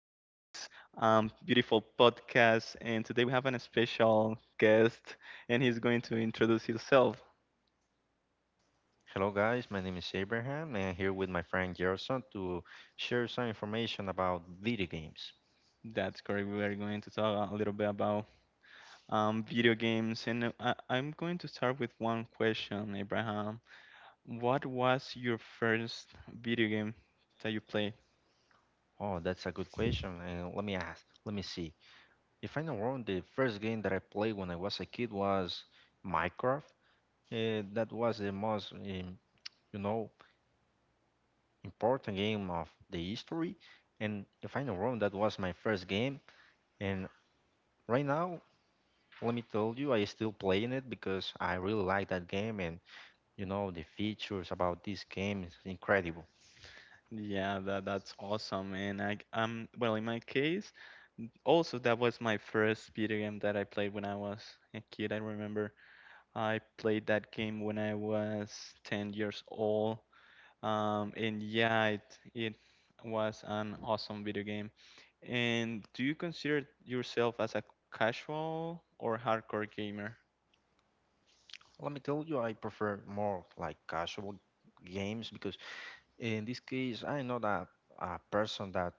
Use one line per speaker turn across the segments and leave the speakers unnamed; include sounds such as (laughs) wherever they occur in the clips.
beautiful podcast. And today we have an special guest, and he's going to introduce himself.
Hello, guys. My name is Abraham, and I'm here with my friend Gerson to share some information about video games.
That's correct. We are going to talk a little bit about video games. And I'm going to start with one question, Abraham. What was your first video game that you played?
Oh, that's a good question. And let me ask, let me see. If I'm not wrong, the first game that I played when I was a kid was Minecraft. That was the most, you know, important game of the history. And if I'm not wrong, that was my first game. And right now, let me tell you, I still playing it because I really like that game, and you know the features about this game is incredible.
Yeah, that's awesome. Well, in my case, also that was my first video game that I played when I was a kid. I remember I played that game when I was 10 years old. And yeah, it was an awesome video game. And do you consider yourself as a casual or hardcore gamer?
Let me tell you, I prefer more like casual games because in this case, I'm not a person that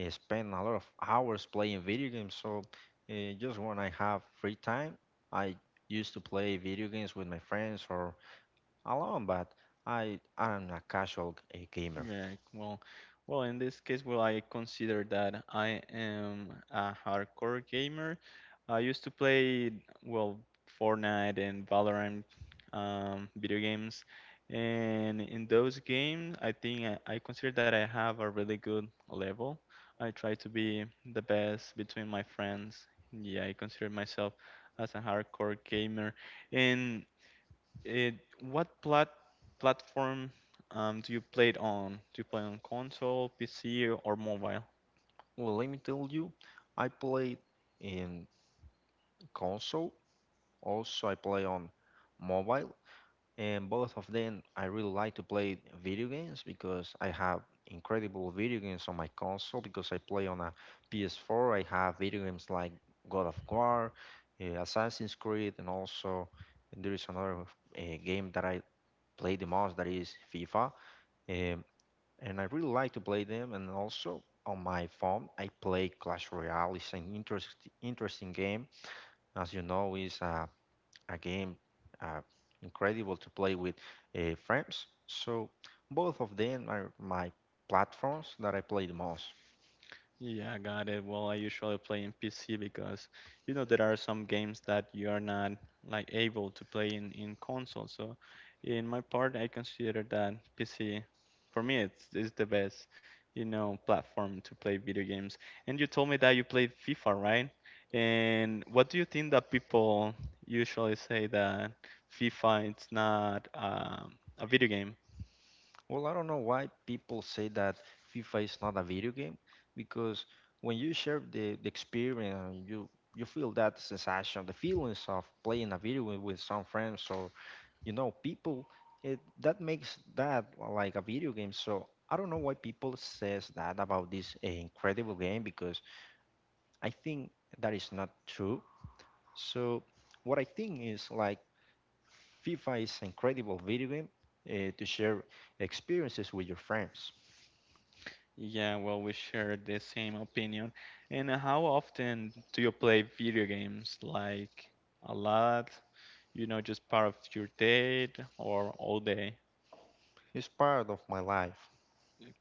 spend a lot of hours playing video games. So just when I have free time, I used to play video games with my friends or alone, but I am a casual gamer.
Yeah, well, in this case, well, I consider that I am a hardcore gamer. I used to play, well, Fortnite and Valorant video games, and in those games, I think I consider that I have a really good level. I try to be the best between my friends. Yeah, I consider myself as a hardcore gamer, and what platform do you play it on? Do you play on console, PC, or mobile?
Well, let me tell you, I play in console. Also, I play on mobile. And both of them, I really like to play video games because I have incredible video games on my console because I play on a PS4. I have video games like God of War, Assassin's Creed, and also there is another game that I play the most that is FIFA. Um, and I really like to play them. And also on my phone, I play Clash Royale. It's an interesting game. As you know, it's a game, uh, incredible to play with friends. So both of them are my platforms that I play the most.
Yeah, got it. Well, I usually play in PC because you know there are some games that you are not like able to play in console. So, in my part, I consider that PC for me it's is the best, you know, platform to play video games. And you told me that you played FIFA, right? And what do you think that people usually say that FIFA it's not a video game?
Well, I don't know why people say that FIFA is not a video game because when you share the experience, you feel that sensation, the feelings of playing a video game with some friends or people. That makes that like a video game. So I don't know why people says that about this incredible game because I think that is not true. So what I think is like FIFA is an incredible video game to share experiences with your friends.
Yeah, well, we share the same opinion. And how often do you play video games? Like a lot? You know, just part of your day or all day?
It's part of my life.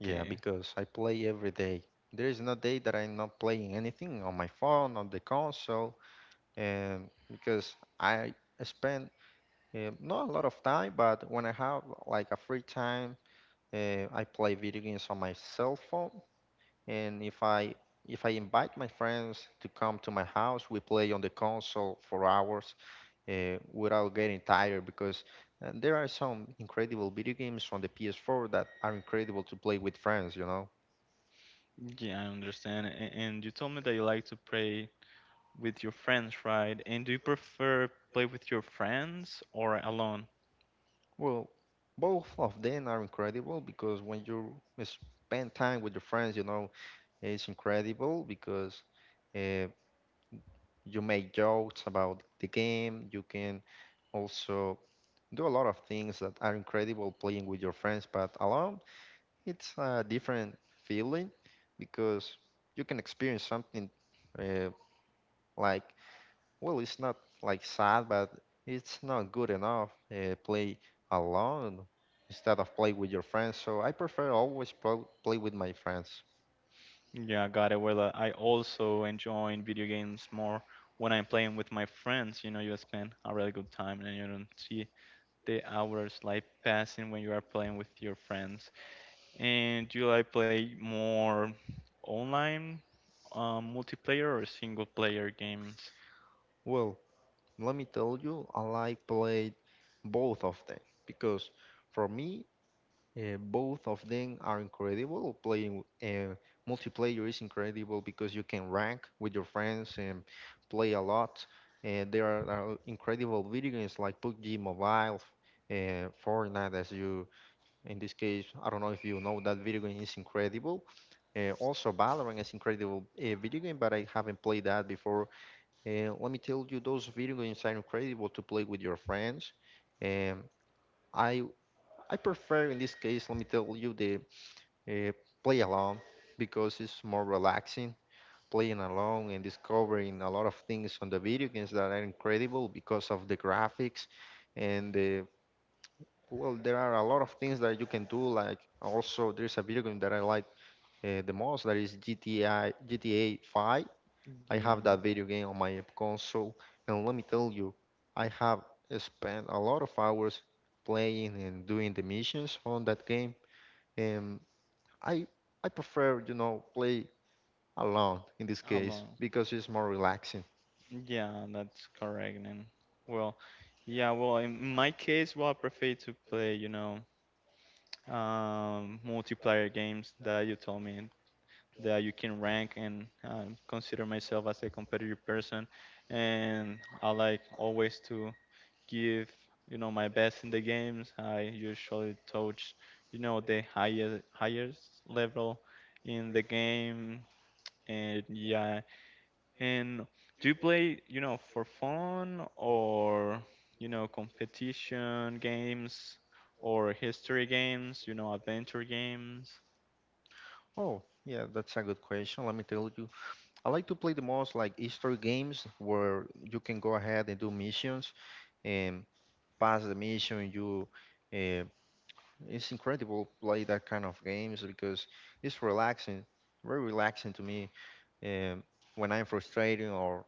Yeah, because I play every day. There is no day that I'm not playing anything on my phone, on the console, and because I spend not a lot of time, but when I have like a free time, I play video games on my cell phone. And if I invite my friends to come to my house, we play on the console for hours without getting tired because there are some incredible video games from the PS4 that are incredible to play with friends.
Yeah, I understand. And you told me that you like to play with your friends, right? And do you prefer play with your friends or alone?
Well, both of them are incredible because when you spend time with your friends, it's incredible because uh, you make jokes about the game, you can also do a lot of things that are incredible playing with your friends, but alone. It's a different feeling because you can experience something, uh, like, well, it's not like sad, but it's not good enough. Play alone instead of play with your friends. So I prefer always play with my friends.
Yeah, got it. Well, I also enjoy video games more when I'm playing with my friends. You know, you spend a really good time and you don't see the hours like passing when you are playing with your friends? And do you like play more online multiplayer or single player games?
Well, let me tell you, I like played both of them because for me, both of them are incredible. Playing multiplayer is incredible because you can rank with your friends and play a lot. There are incredible video games like PUBG Mobile, Fortnite, in this case, I don't know if you know that video game is incredible. Also, Valorant is incredible video game, but I haven't played that before. Let me tell you, those video games are incredible to play with your friends. Um, I I prefer in this case, let me tell you, the uh, play alone because it's more relaxing playing alone and discovering a lot of things on the video games that are incredible because of the graphics. And well, there are a lot of things that you can do, like also there's a video game that I like the most, that is gti gta 5. I have
Yeah,
that video game on my console, and let me tell you, I have spent a lot of hours playing and doing the missions on that game. And i I prefer, you know, play alone in this case
alone.
because it's more relaxing.
Yeah, that's correct. Well, yeah, well, in my case, well, I prefer to play, you know, multiplayer games that you told me that you can rank and consider myself as a competitive person, and I like always to give you know my best in the games. I usually touch you know the higher highest level in the game, and yeah. And do you play you know for fun or you know competition games? Or history games, you know, adventure games.
Oh, yeah, that's a good question. Let me tell you. I like to play the most like history games where you can go ahead and do missions and pass the mission. Uh, it's incredible to play that kind of games because it's relaxing, very relaxing to me. Um, when I'm frustrated or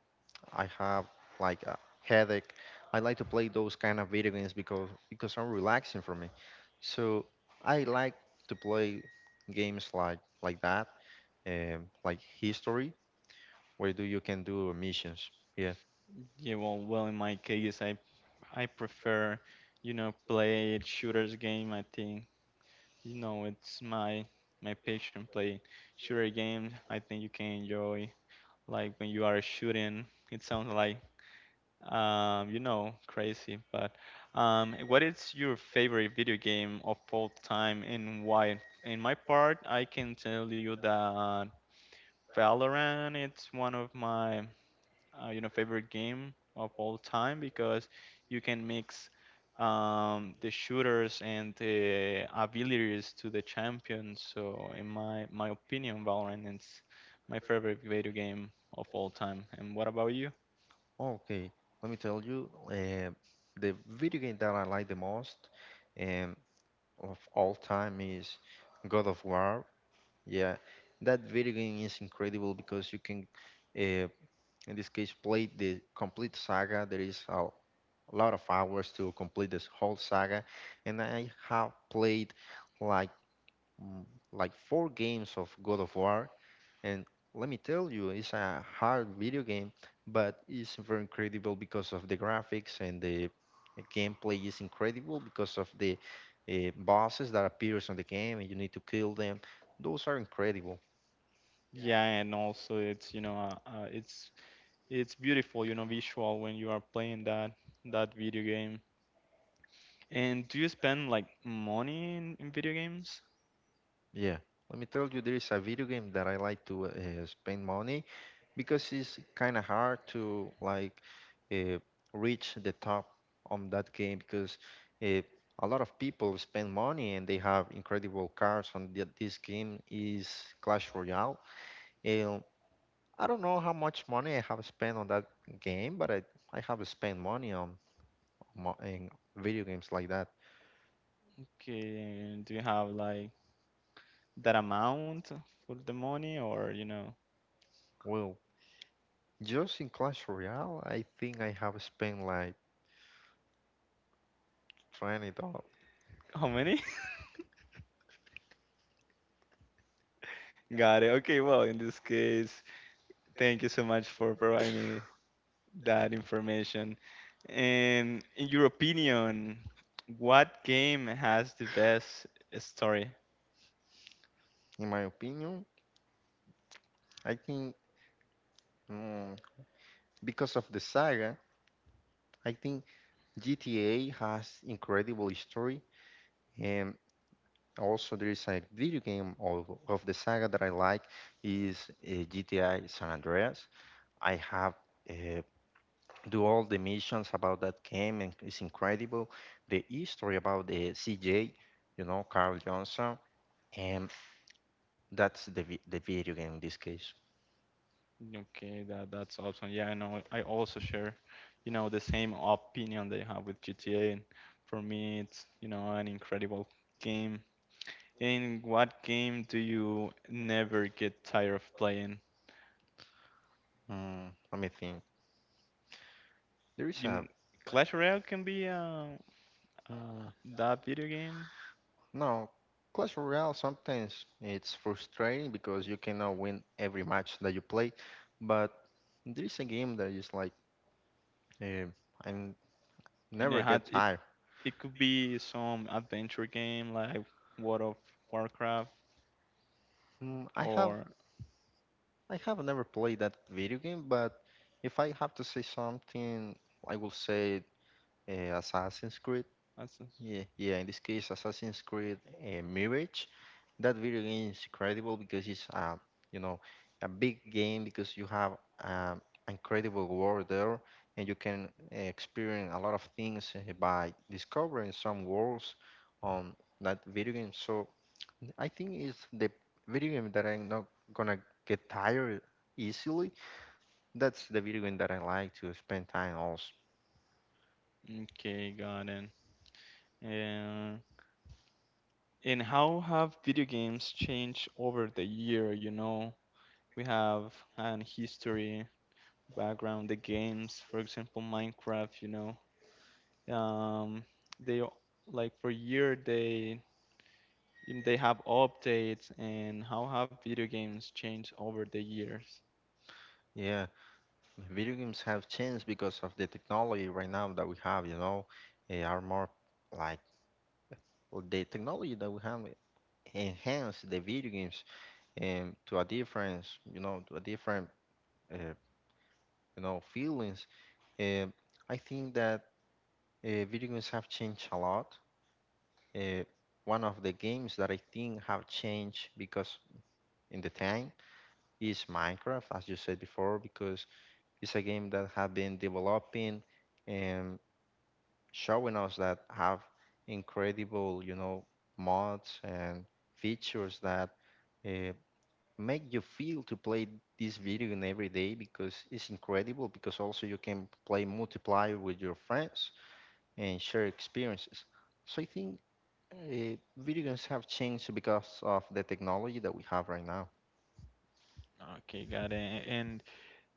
I have like a headache, I like to play those kind of video games because are relaxing for me. So I like to play games like that, like history, where do you can do missions. Yeah.
Yeah, well, in my case, I prefer, you know, play shooters game. I think you know, it's my passion play shooter games. I think you can enjoy like when you are shooting. It sounds like you know, crazy, but what is your favorite video game of all time and why? In my part, I can tell you that Valorant, it's one of my you know favorite game of all time because you can mix the shooters and the abilities to the champions. So in my opinion, Valorant is my favorite video game of all time. And what about you?
Okay. Let me tell you, the video game that I like the most, um, of all time is God of War. Yeah, that video game is incredible because you can. Uh, in this case played the complete saga. There is a lot of hours to complete this whole saga, and I have played like mm, like four games of God of War. And let me tell you, it's a hard video game, but it's very incredible because of the graphics, and the gameplay is incredible because of the bosses that appears on the game and you need to kill them. Those are incredible.
Yeah, and also it's you know it's beautiful you know visual when you are playing that video game. And do you spend like money in video games?
Yeah, let me tell you, there is a video game that I like to spend money because it's kind of hard to like uh, reach the top on that game because uh, a lot of people spend money and they have incredible cards on this game is Clash Royale. And I don't know how much money I have spent on that game, but I have spent money in video games like that.
Okay, and do you have like that amount for the money or you know
Well, just in Clash Royale, I think I have spent like $20.
how many (laughs) got it, okay, well in this case thank you so much for providing me that information and in your opinion what game has the best story.
In my opinion, I think, mm, because of the saga, I think GTA has incredible history, and also there is a video game of the saga that I like is GTA San Andreas. I have uh, do all the missions about that game, and it's incredible. The history about the CJ, Carl Johnson, and that's the the video game in this case.
Okay, that that's awesome, yeah, I know I also share you know the same opinion they have with GTA and for me it's you know an incredible game. And what game do you never get tired of playing?
Let me think. There is
You
a.
kn- Clash Royale can be uh,
mm,
that video game.
No, Clash Royale sometimes it's frustrating because you cannot win every match that you play, but there is a game that is like, eh, I
You
never
know, had
get
it
tired.
it could be some adventure game like World of Warcraft
Mm, I have
or
I have never played that video game, but if I have to say something, I will say Assassin's Creed.
Assassin's-
Yeah, yeah. In this case, Assassin's Creed, Mirage, that video game is incredible because it's you know, a big game because you have um, incredible world there, and you can experience a lot of things by discovering some worlds on that video game. So I think it's the video game that I'm not gonna get tired easily. That's the video game that I like to spend time also.
Okay, got it. Yeah. And how have video games changed over the year? You know, we have an history background. The games, for example, Minecraft. You know, they like for year they if they have updates and how have video games changed over the years?
Yeah. Video games have changed because of the technology right now that we have, they are more like, well, the technology that we have enhance the video games, to a different, to a different, uh, feelings. Um, I think that video games have changed a lot. Uh, one of the games that I think have changed because in the time is Minecraft, as you said before, because it's a game that have been developing. Showing us that have incredible, mods and features that uh, make you feel to play this video game every day because it's incredible. Because also you can play multiplayer with your friends and share experiences. So I think video games have changed because of the technology that we have right now.
Okay, got it. And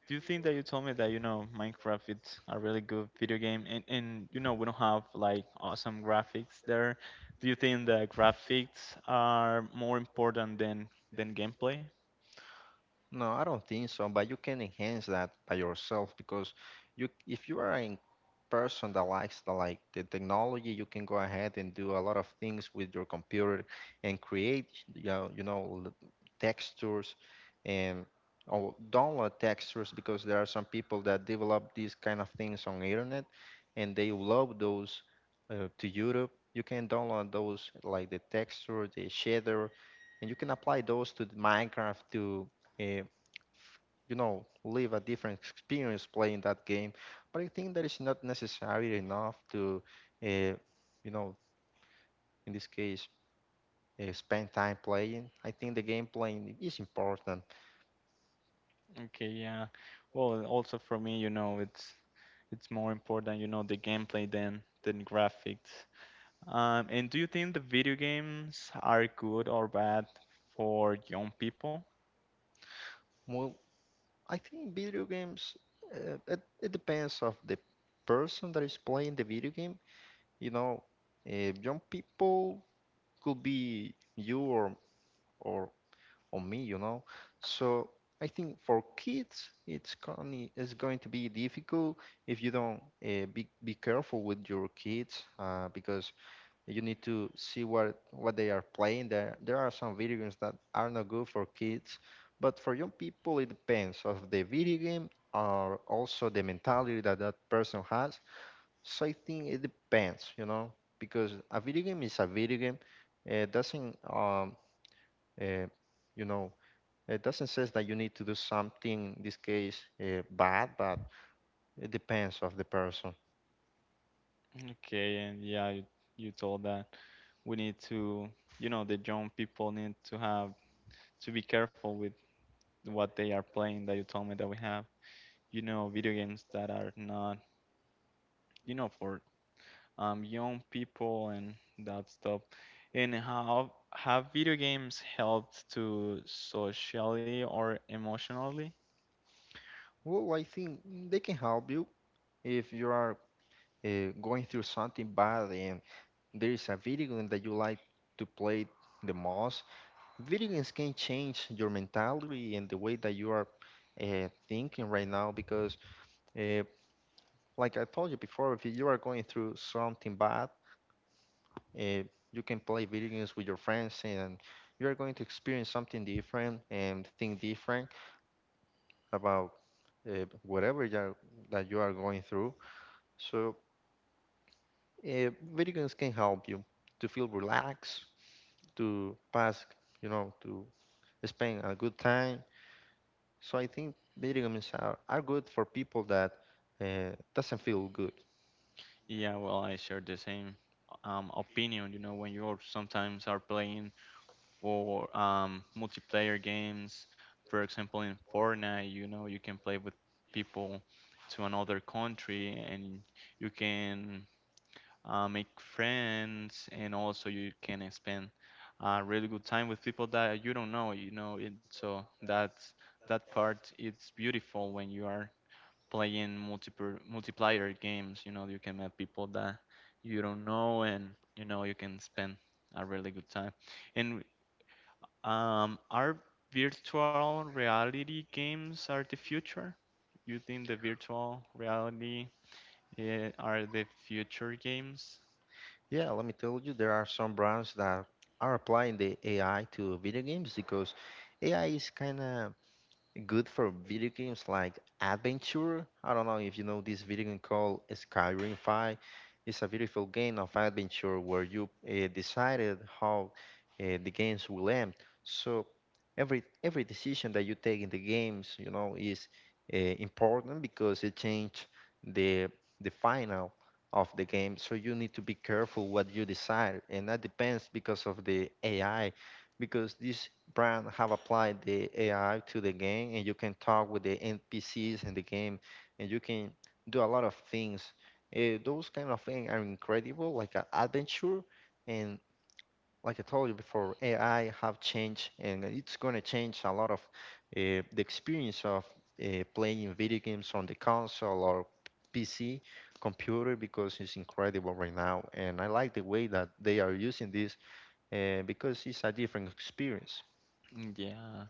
do you think that you told me that, you know, Minecraft it's a really good video game and you know, we don't have like awesome graphics there. Do you think that graphics are more important than gameplay?
No, I don't think so. But you can enhance that by yourself because if you are an person that likes the technology, you can go ahead and do a lot of things with your computer and create, textures, and or download textures because there are some people that develop these kind of things on internet and they upload those to YouTube. You can download those like the texture, the shader, and you can apply those to the Minecraft to uh, live a different experience playing that game, but I think that is not necessary enough to, uh, you know, in this case, spend time playing. I think the game playing is important.
Okay, yeah. Well, also for me, you know, it's more important, you know, the gameplay than graphics. And do you think the video games are good or bad for young people?
Well, I think video games, it depends of the person that is playing the video game. You know, young people could be you or or on me, you know. So I think for kids, it's going to be difficult if you don't be careful with your kids because you need to see what they are playing. There are some video games that are not good for kids, but for young people it depends of the video game or also the mentality that that person has. So I think it depends, you know, because a video game is a video game. It doesn't uh, you know it doesn't say that you need to do something, in this case, bad, but it depends of the person.
Okay, and you told that we need to, you know, the young people need to have to be careful with what they are playing. That you told me that we have, you know, video games that are not, you know, for young people and that stuff. And how have video games helped to socially or emotionally?
Well, I think they can help you if you are going through something bad and there is a video game that you like to play the most. Video games can change your mentality and the way that you are thinking right now because, uh, like I told you before, if you are going through something bad, Uh, you can play video games with your friends, and you're going to experience something different and think different about uh, whatever you are, that you are going through. So, video games can help you to feel relaxed, to pass, you know, to spend a good time. So, I think video games are good for people that doesn't feel good.
Yeah, well, I share the same opinion. You know, when you sometimes are playing or multiplayer games, for example, in Fortnite, you know, you can play with people to another country and you can make friends, and also you can spend a really good time with people that you don't know. You know, it, so that's that part. It's beautiful when you are playing multiple multiplayer games. You know, you can meet people that you don't know, and you know you can spend a really good time. And Are virtual reality games are the future? You think the virtual reality are the future games?
Yeah, let me tell you, there are some brands that are applying the AI to video games because AI is kind of good for video games like adventure. I don't know if you know this video game called Skyrim 5. It's a beautiful game of adventure where you decided how the games will end. So every decision that you take in the games, you know, is important because it change the the final of the game. So you need to be careful what you decide, and that depends because of the AI because this brand have applied the AI to the game and you can talk with the NPCs in the game and you can do a lot of things. Eh, those kind of things are incredible, like an adventure. And like I told you before, AI have changed and it's going to change a lot of the experience of playing video games on the console or PC computer because it's incredible right now. And I like the way that they are using this because it's a different experience.
Yeah.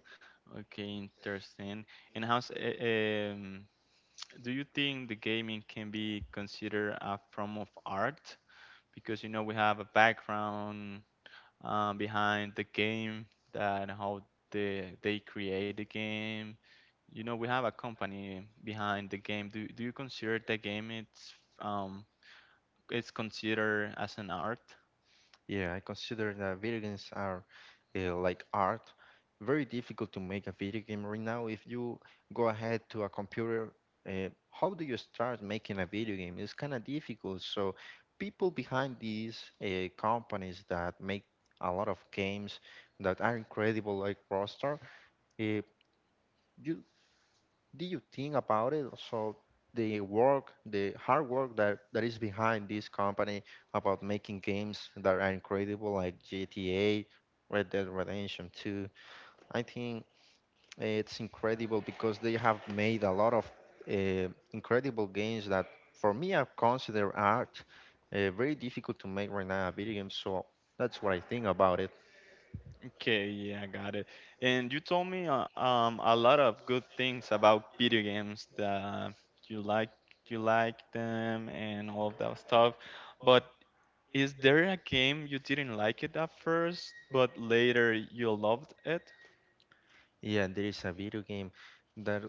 Okay, interesting. And do you think the gaming can be considered a form of art? Because you know we have a background, behind the game that how they create the game. You know, we have a company behind the game. Do you consider the game um it's considered as an art?
Yeah, I consider that video games are like art. Very difficult to make a video game right now. If you go ahead to a computer, how do you start making a video game? It's kind of difficult. So, people behind these companies that make a lot of games that are incredible, like Rockstar, uh, you did you think about it? So the work, the hard work that is behind this company about making games that are incredible, like GTA, Red Dead Redemption 2. I think it's incredible because they have made a lot of incredible games that, for me, I consider art, very difficult to make right now a video game. So that's what I think about it.
Okay, yeah, I got it. And you told me a lot of good things about video games that you like you like them and all of that stuff. But is there a game you didn't like it at first, but later you loved it?
Yeah, there is a video game that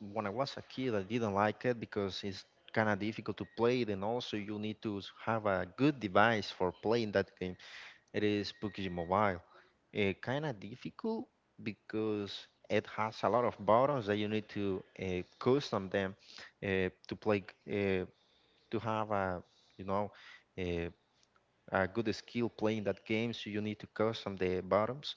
when I was a kid, I didn't like it because it's kind of difficult to play it, and also you need to have a good device for playing that game. It is PUBG Mobile. It kind of difficult because it has a lot of buttons that you need to custom them to play, uh, to have a, you know, a, a good skill playing that game. So you need to custom the buttons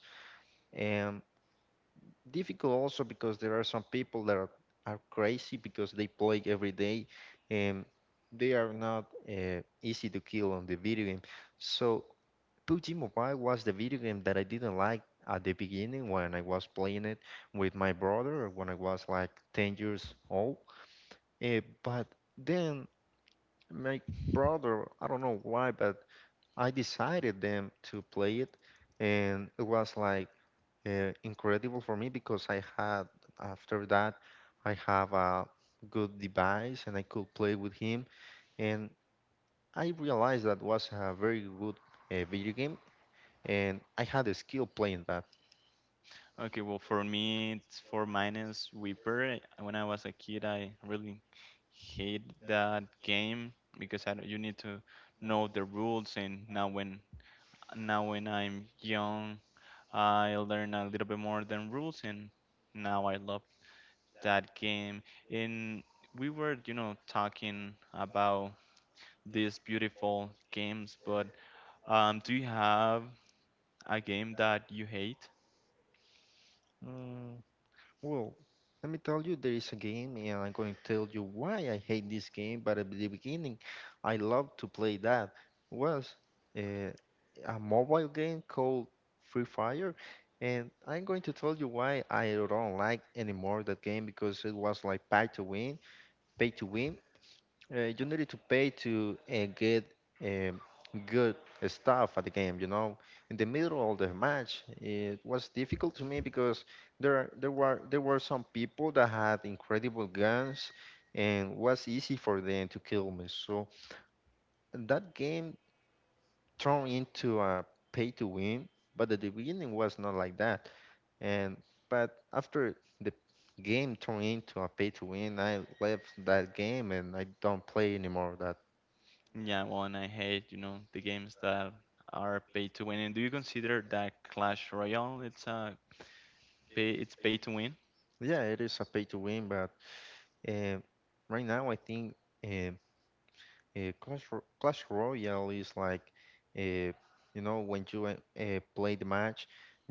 difficult also because there are some people are crazy because they play every day and they are not easy to kill on the video game. So PUBG Mobile was the video game that I didn't like at the beginning when I was playing it with my brother when I was like 10 years old. But then my brother, I don't know why, but I decided them to play it and it was like incredible for me because I had after that I have a good device and I could play with him and I realized that was a very good video game and I had a skill playing that.
Okay, well, for me, it's four minus Weeper. When I was a kid, I really hate that game because I, you need to know the rules. And now when I'm young, I learn a little bit more than rules, and now I love that game. And we were, you know, talking about these beautiful games, but do you have a game that you hate?
Mm, Well, let me tell you, there is a game, and I'm going to tell you why I hate this game. But at the beginning, I loved to play that. Was uh, a mobile game called Free Fire, and I'm going to tell you why I don't like anymore that game because it was like pay to win, you need to pay to get um, good stuff at the game. You know, in the middle of the match, it was difficult to me because there were some people that had incredible guns, and was easy for them to kill me. So that game turned into a pay to win, but at the beginning was not like that. And but after the game turned into a pay to win, I left that game and I don't play anymore that.
Yeah, well, and I hate, you know, the games that are pay to win. And do you consider that Clash Royale it's a pay to win
Yeah, it is a pay to win, but uh, right now I think uh, Clash Clash Royale is like, uh, you know, when you play the match,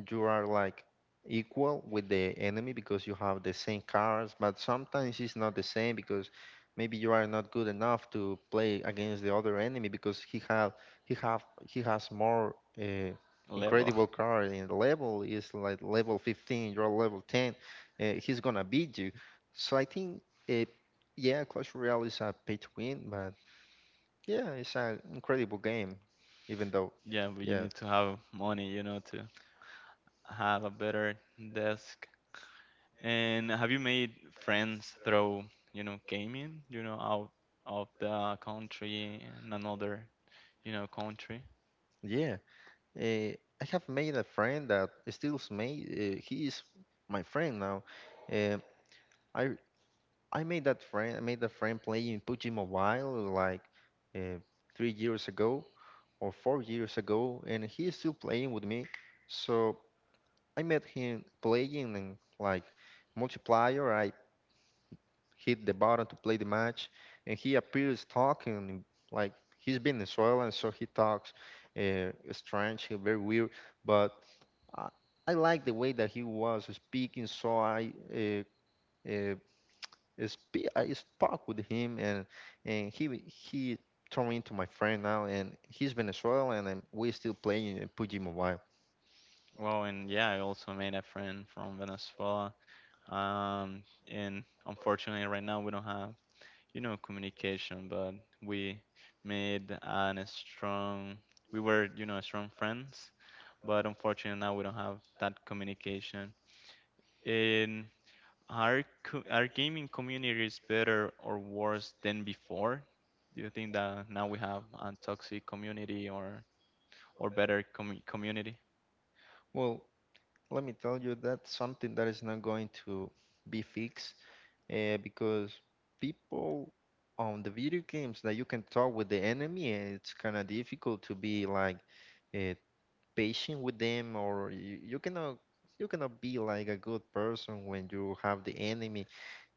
you are like equal with the enemy because you have the same cards, but sometimes it's not the same because maybe you are not good enough to play against the other enemy because he had he have he has more uh,
level? (laughs)
incredible card and the level is like level 15, you're level 10, he's gonna beat you. So I think uh, yeah, Clash Royale is a pay to win, but yeah, it's an incredible game, even though,
Yeah, but you
yeah,
need to have money, you know, to have a better desk. And have you made friends through, you know, gaming, you know, out of the country and another, you know, country?
yeah. I have made a friend that stills made. He is my friend now. Uh, I I made that friend. I made that friend playing PUBG Mobile like uh, 3 years ago or 4 years ago, and he is still playing with me. So I met him playing in like multiplayer. I hit the button to play the match, and he appears talking like he's been in soil, so he talks strange, very weird. But I, I like the way that he was speaking, so uh, I spoke with him, and he turned into my friend now, and he's Venezuelan, and we're still playing PUBG Mobile.
Well, and yeah, I also made a friend from Venezuela. Um, and unfortunately, right now we don't have you know, communication, but we made an strong, we were, you know, strong friends, but unfortunately now we don't have that communication. And our gaming community is better or worse than before? Do you think that now we have a toxic community or better community?
Well, let me tell you, that's something that is not going to be fixed because people on the video games that you can talk with the enemy, eh, it's kind of difficult to be like uh, patient with them, or you cannot be like a good person when you have the enemy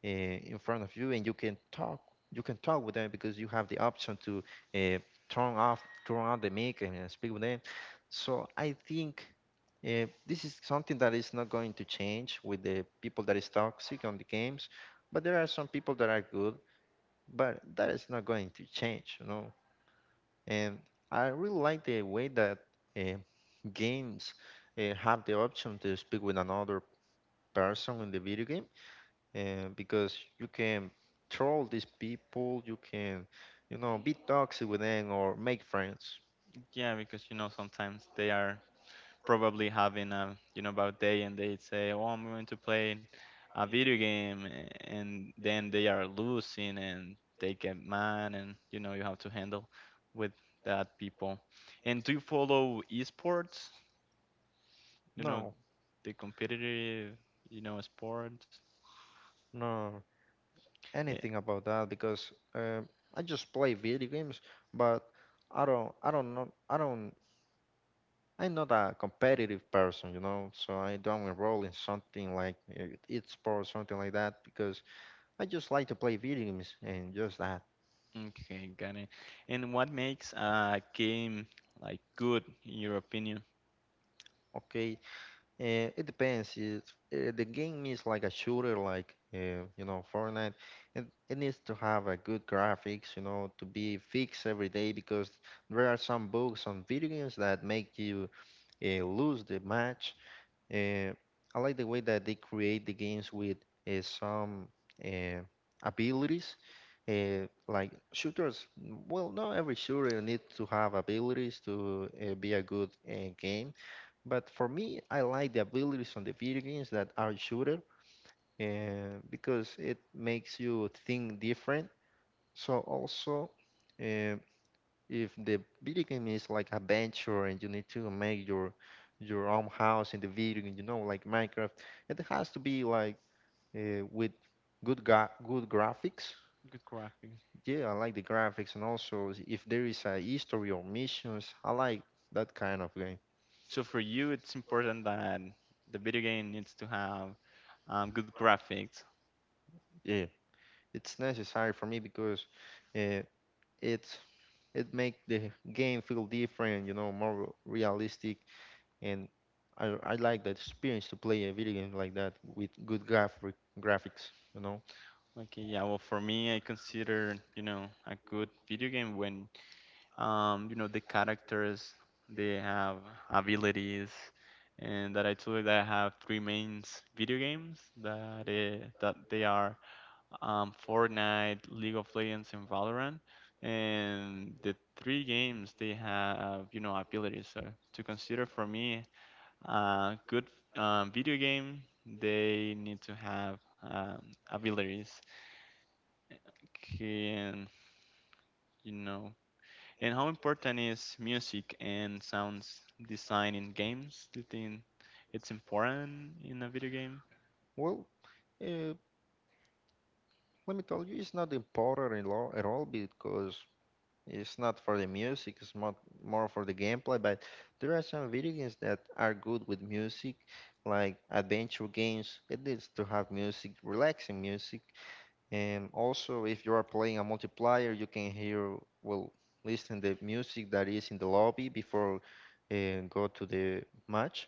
in front of you and you can talk with them because you have the option to uh, turn on the mic and speak with them. So I think this is something that is not going to change with the people that is toxic on the games, but there are some people that are good, but that is not going to change, you know. And I really like the way that uh, games have the option to speak with another person in the video game, and because you can troll these people, you can, you know, be toxic with them or make friends.
Yeah, because you know sometimes they are probably having a you know about day and they say, "Oh, I'm going to play a video game," and then they are losing and they get mad and you know you have to handle with that people. And do you follow esports? You know
No,
the competitive, you know, sports.
no,
Eh,
anything about that because I just play video games, but I don't know, I don't. I'm not a competitive person, you know, so I don't enroll in something like esports, something like that, because I just like to play video games and just that.
Okay, got it. And what makes a game like good in your opinion?
Okay, it depends. It's, the game is like a shooter, like you know, Fortnite. It needs to have a good graphics, you know, to be fixed every day because there are some bugs on video games that make you lose the match. Uh, I like the way that they create the games with some uh, abilities. Like shooters, well, not every shooter needs to have abilities to be a good game, but for me, I like the abilities on the video games that are shooter, because it makes you think different. So also, uh, if the video game is like adventure and you need to make your own house in the video game, you know, like Minecraft, it has to be like with good graphics.
Good graphics.
Yeah, I like the graphics, and also if there is a history or missions, I like that kind of game.
So for you, it's important that the video game needs to have good graphics.
Yeah, it's necessary for me because. Uh, it it make the game feel different, you know, more realistic, and I like that experience to play a video game like that with good graphics, you know.
Okay, yeah. Well, for me, I consider you know a good video game when you know the characters they have abilities, and that I told you that I have three main video games that that they are Fortnite, League of Legends, and Valorant. And the three games they have you know abilities. So to consider for me good video game, they need to have abilities. Can you know? And how important is music and sounds design in games? Do you think it's important in a video game?
Well, uh, let me tell you, it's not important at all because it's not for the music, it's not more for the gameplay. But there are some video games that are good with music, like adventure games. It needs to have music, relaxing music, and also, if you are playing a multiplayer, you can hear, well, listen the music that is in the lobby before uh, go to the match.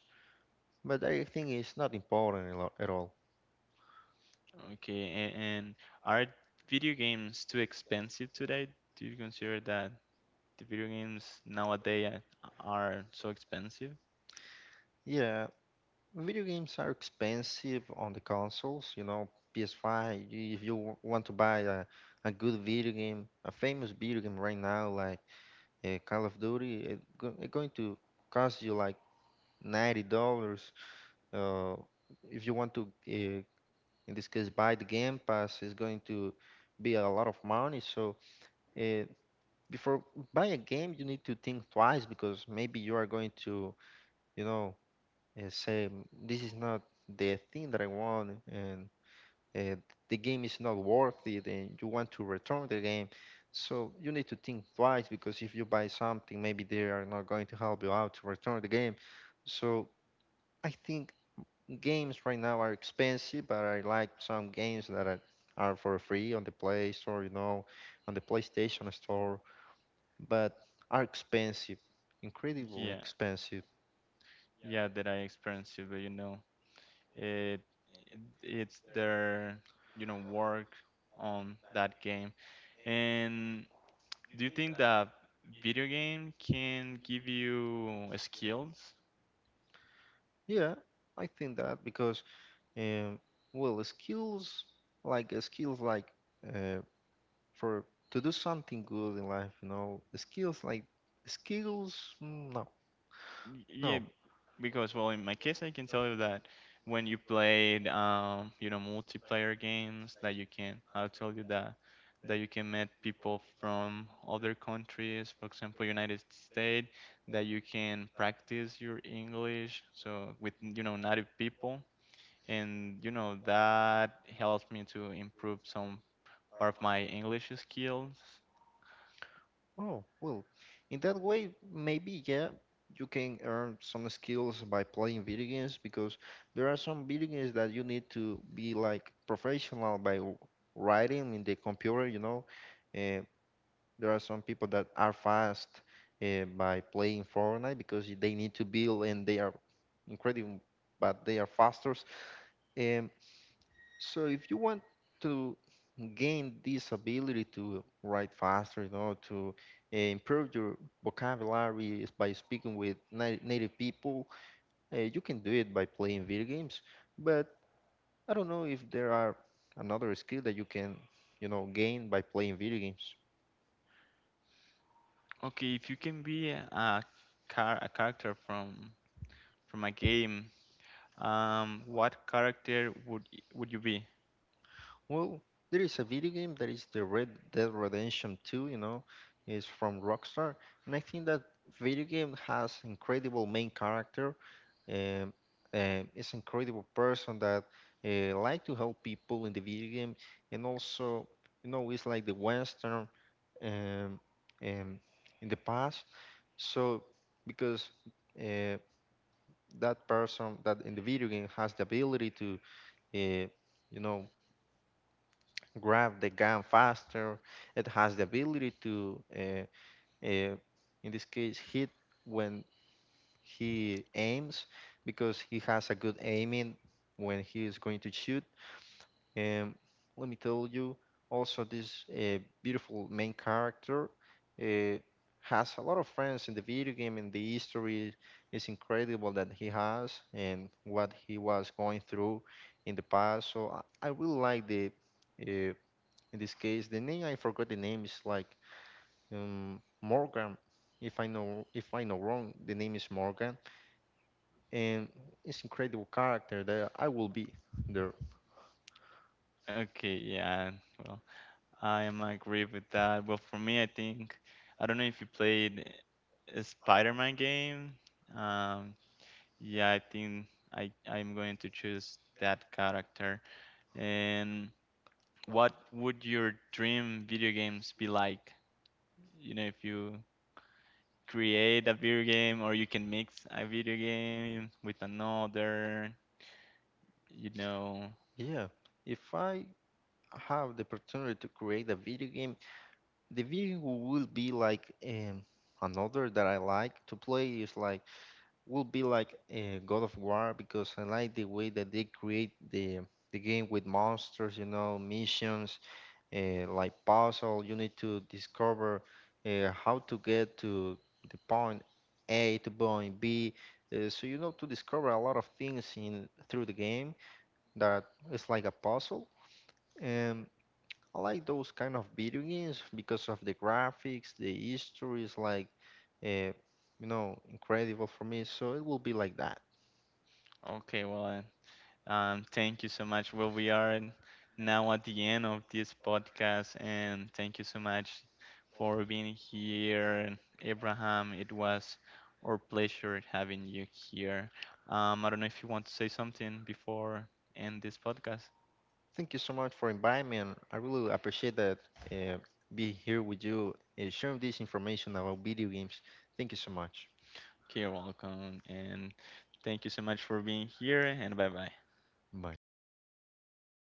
But I think it's not important at all.
Okay, and are video games too expensive today? Do you consider that the video games nowadays are so expensive?
Yeah, video games are expensive on the consoles. You know, PS5. If you want to buy a good video game, a famous video game right now like Call of Duty, it going to cost you like $90. Uh, if you want to in this case buy the game pass is going to be a lot of money so uh, before buy a game you need to think twice because maybe you are going to you know say, "Mm, this is not the thing that I want, and uh, the game is not worth it," and you want to return the game, so you need to think twice because if you buy something maybe they are not going to help you out to return the game. So I think games right now are expensive, but I like some games are for free on the Play Store, you know, on the PlayStation Store, but are expensive, incredibly
Yeah,
expensive.
yeah, that I experienced it, but you know. It it's their you know work on that game. And do you think that video game can give you skills?
Yeah, I think that because, um, well, skills like uh, for to do something good in life, you know, skills. No,
Yeah,
no.
because well, in my case, I can tell you that when you played, you know, multiplayer games, that you can, I'll tell you that that you can meet people from other countries, for example, United States, that you can practice your English, so with you know native people, and you know that helps me to improve some part of my English skills.
Oh, well, in that way, maybe, yeah, you can earn some skills by playing video games because there are some video games that you need to be like professional by writing in the computer, you know. Uh, there are some people that are fast by playing Fortnite because they need to build, and they are incredible, but they are faster. Um, so if you want to gain this ability to write faster, you know, to improve your vocabulary is by speaking with native people. You can do it by playing video games, but I don't know if there are another skill that you can, you know, gain by playing video games.
Okay, if you can be a car a character from a game. What character would would you be?
Well, there is a video game that is the Red Dead Redemption 2, you know, is from Rockstar, and I think that video game has incredible main character, um, and is incredible person that like to help people in the video game, and also, you know, it's like the Western, um, um, in the past. So because uh, that person that in the video game has the ability to, uh, you know, grab the gun faster. It has the ability to, uh, in this case, hit when he aims because he has a good aiming when he is going to shoot. And let me tell you, also this beautiful main character uh, has a lot of friends in the video game, and the history is incredible that he has and what he was going through in the past. So I really like the. Uh, in this case the name, I forgot the name, is like Morgan. If I know wrong, the name is Morgan, and it's incredible character that I will be there.
Okay, yeah. Well, I am agree with that. Well, for me, I think I don't know if you played a Spider-Man game. Um, yeah, I think I'm going to choose that character. And what would your dream video games be like? You know, if you create a video game or you can mix a video game with another, you know.
Yeah, if I have the opportunity to create a video game, the video will be like another that I like to play is like will be like God of War, because I like the way that they create the game with monsters, you know, missions, like puzzle. You need to discover how to get to the point A to point B. So you know, to discover a lot of things in through the game that is like a puzzle. And I like those kind of video games because of the graphics, the history is like, uh, you know, incredible for me. So it will be like that.
Okay, well, thank you so much. Well, we are now at the end of this podcast, and thank you so much for being here, Abraham. It was our pleasure having you here. I don't know if you want to say something before end this podcast.
Thank you so much for inviting me, and I really appreciate that uh, being here with you, sharing this information about video games. Thank you so much.
Okay, you're welcome, and thank you so much for being here, and bye bye.
Bye.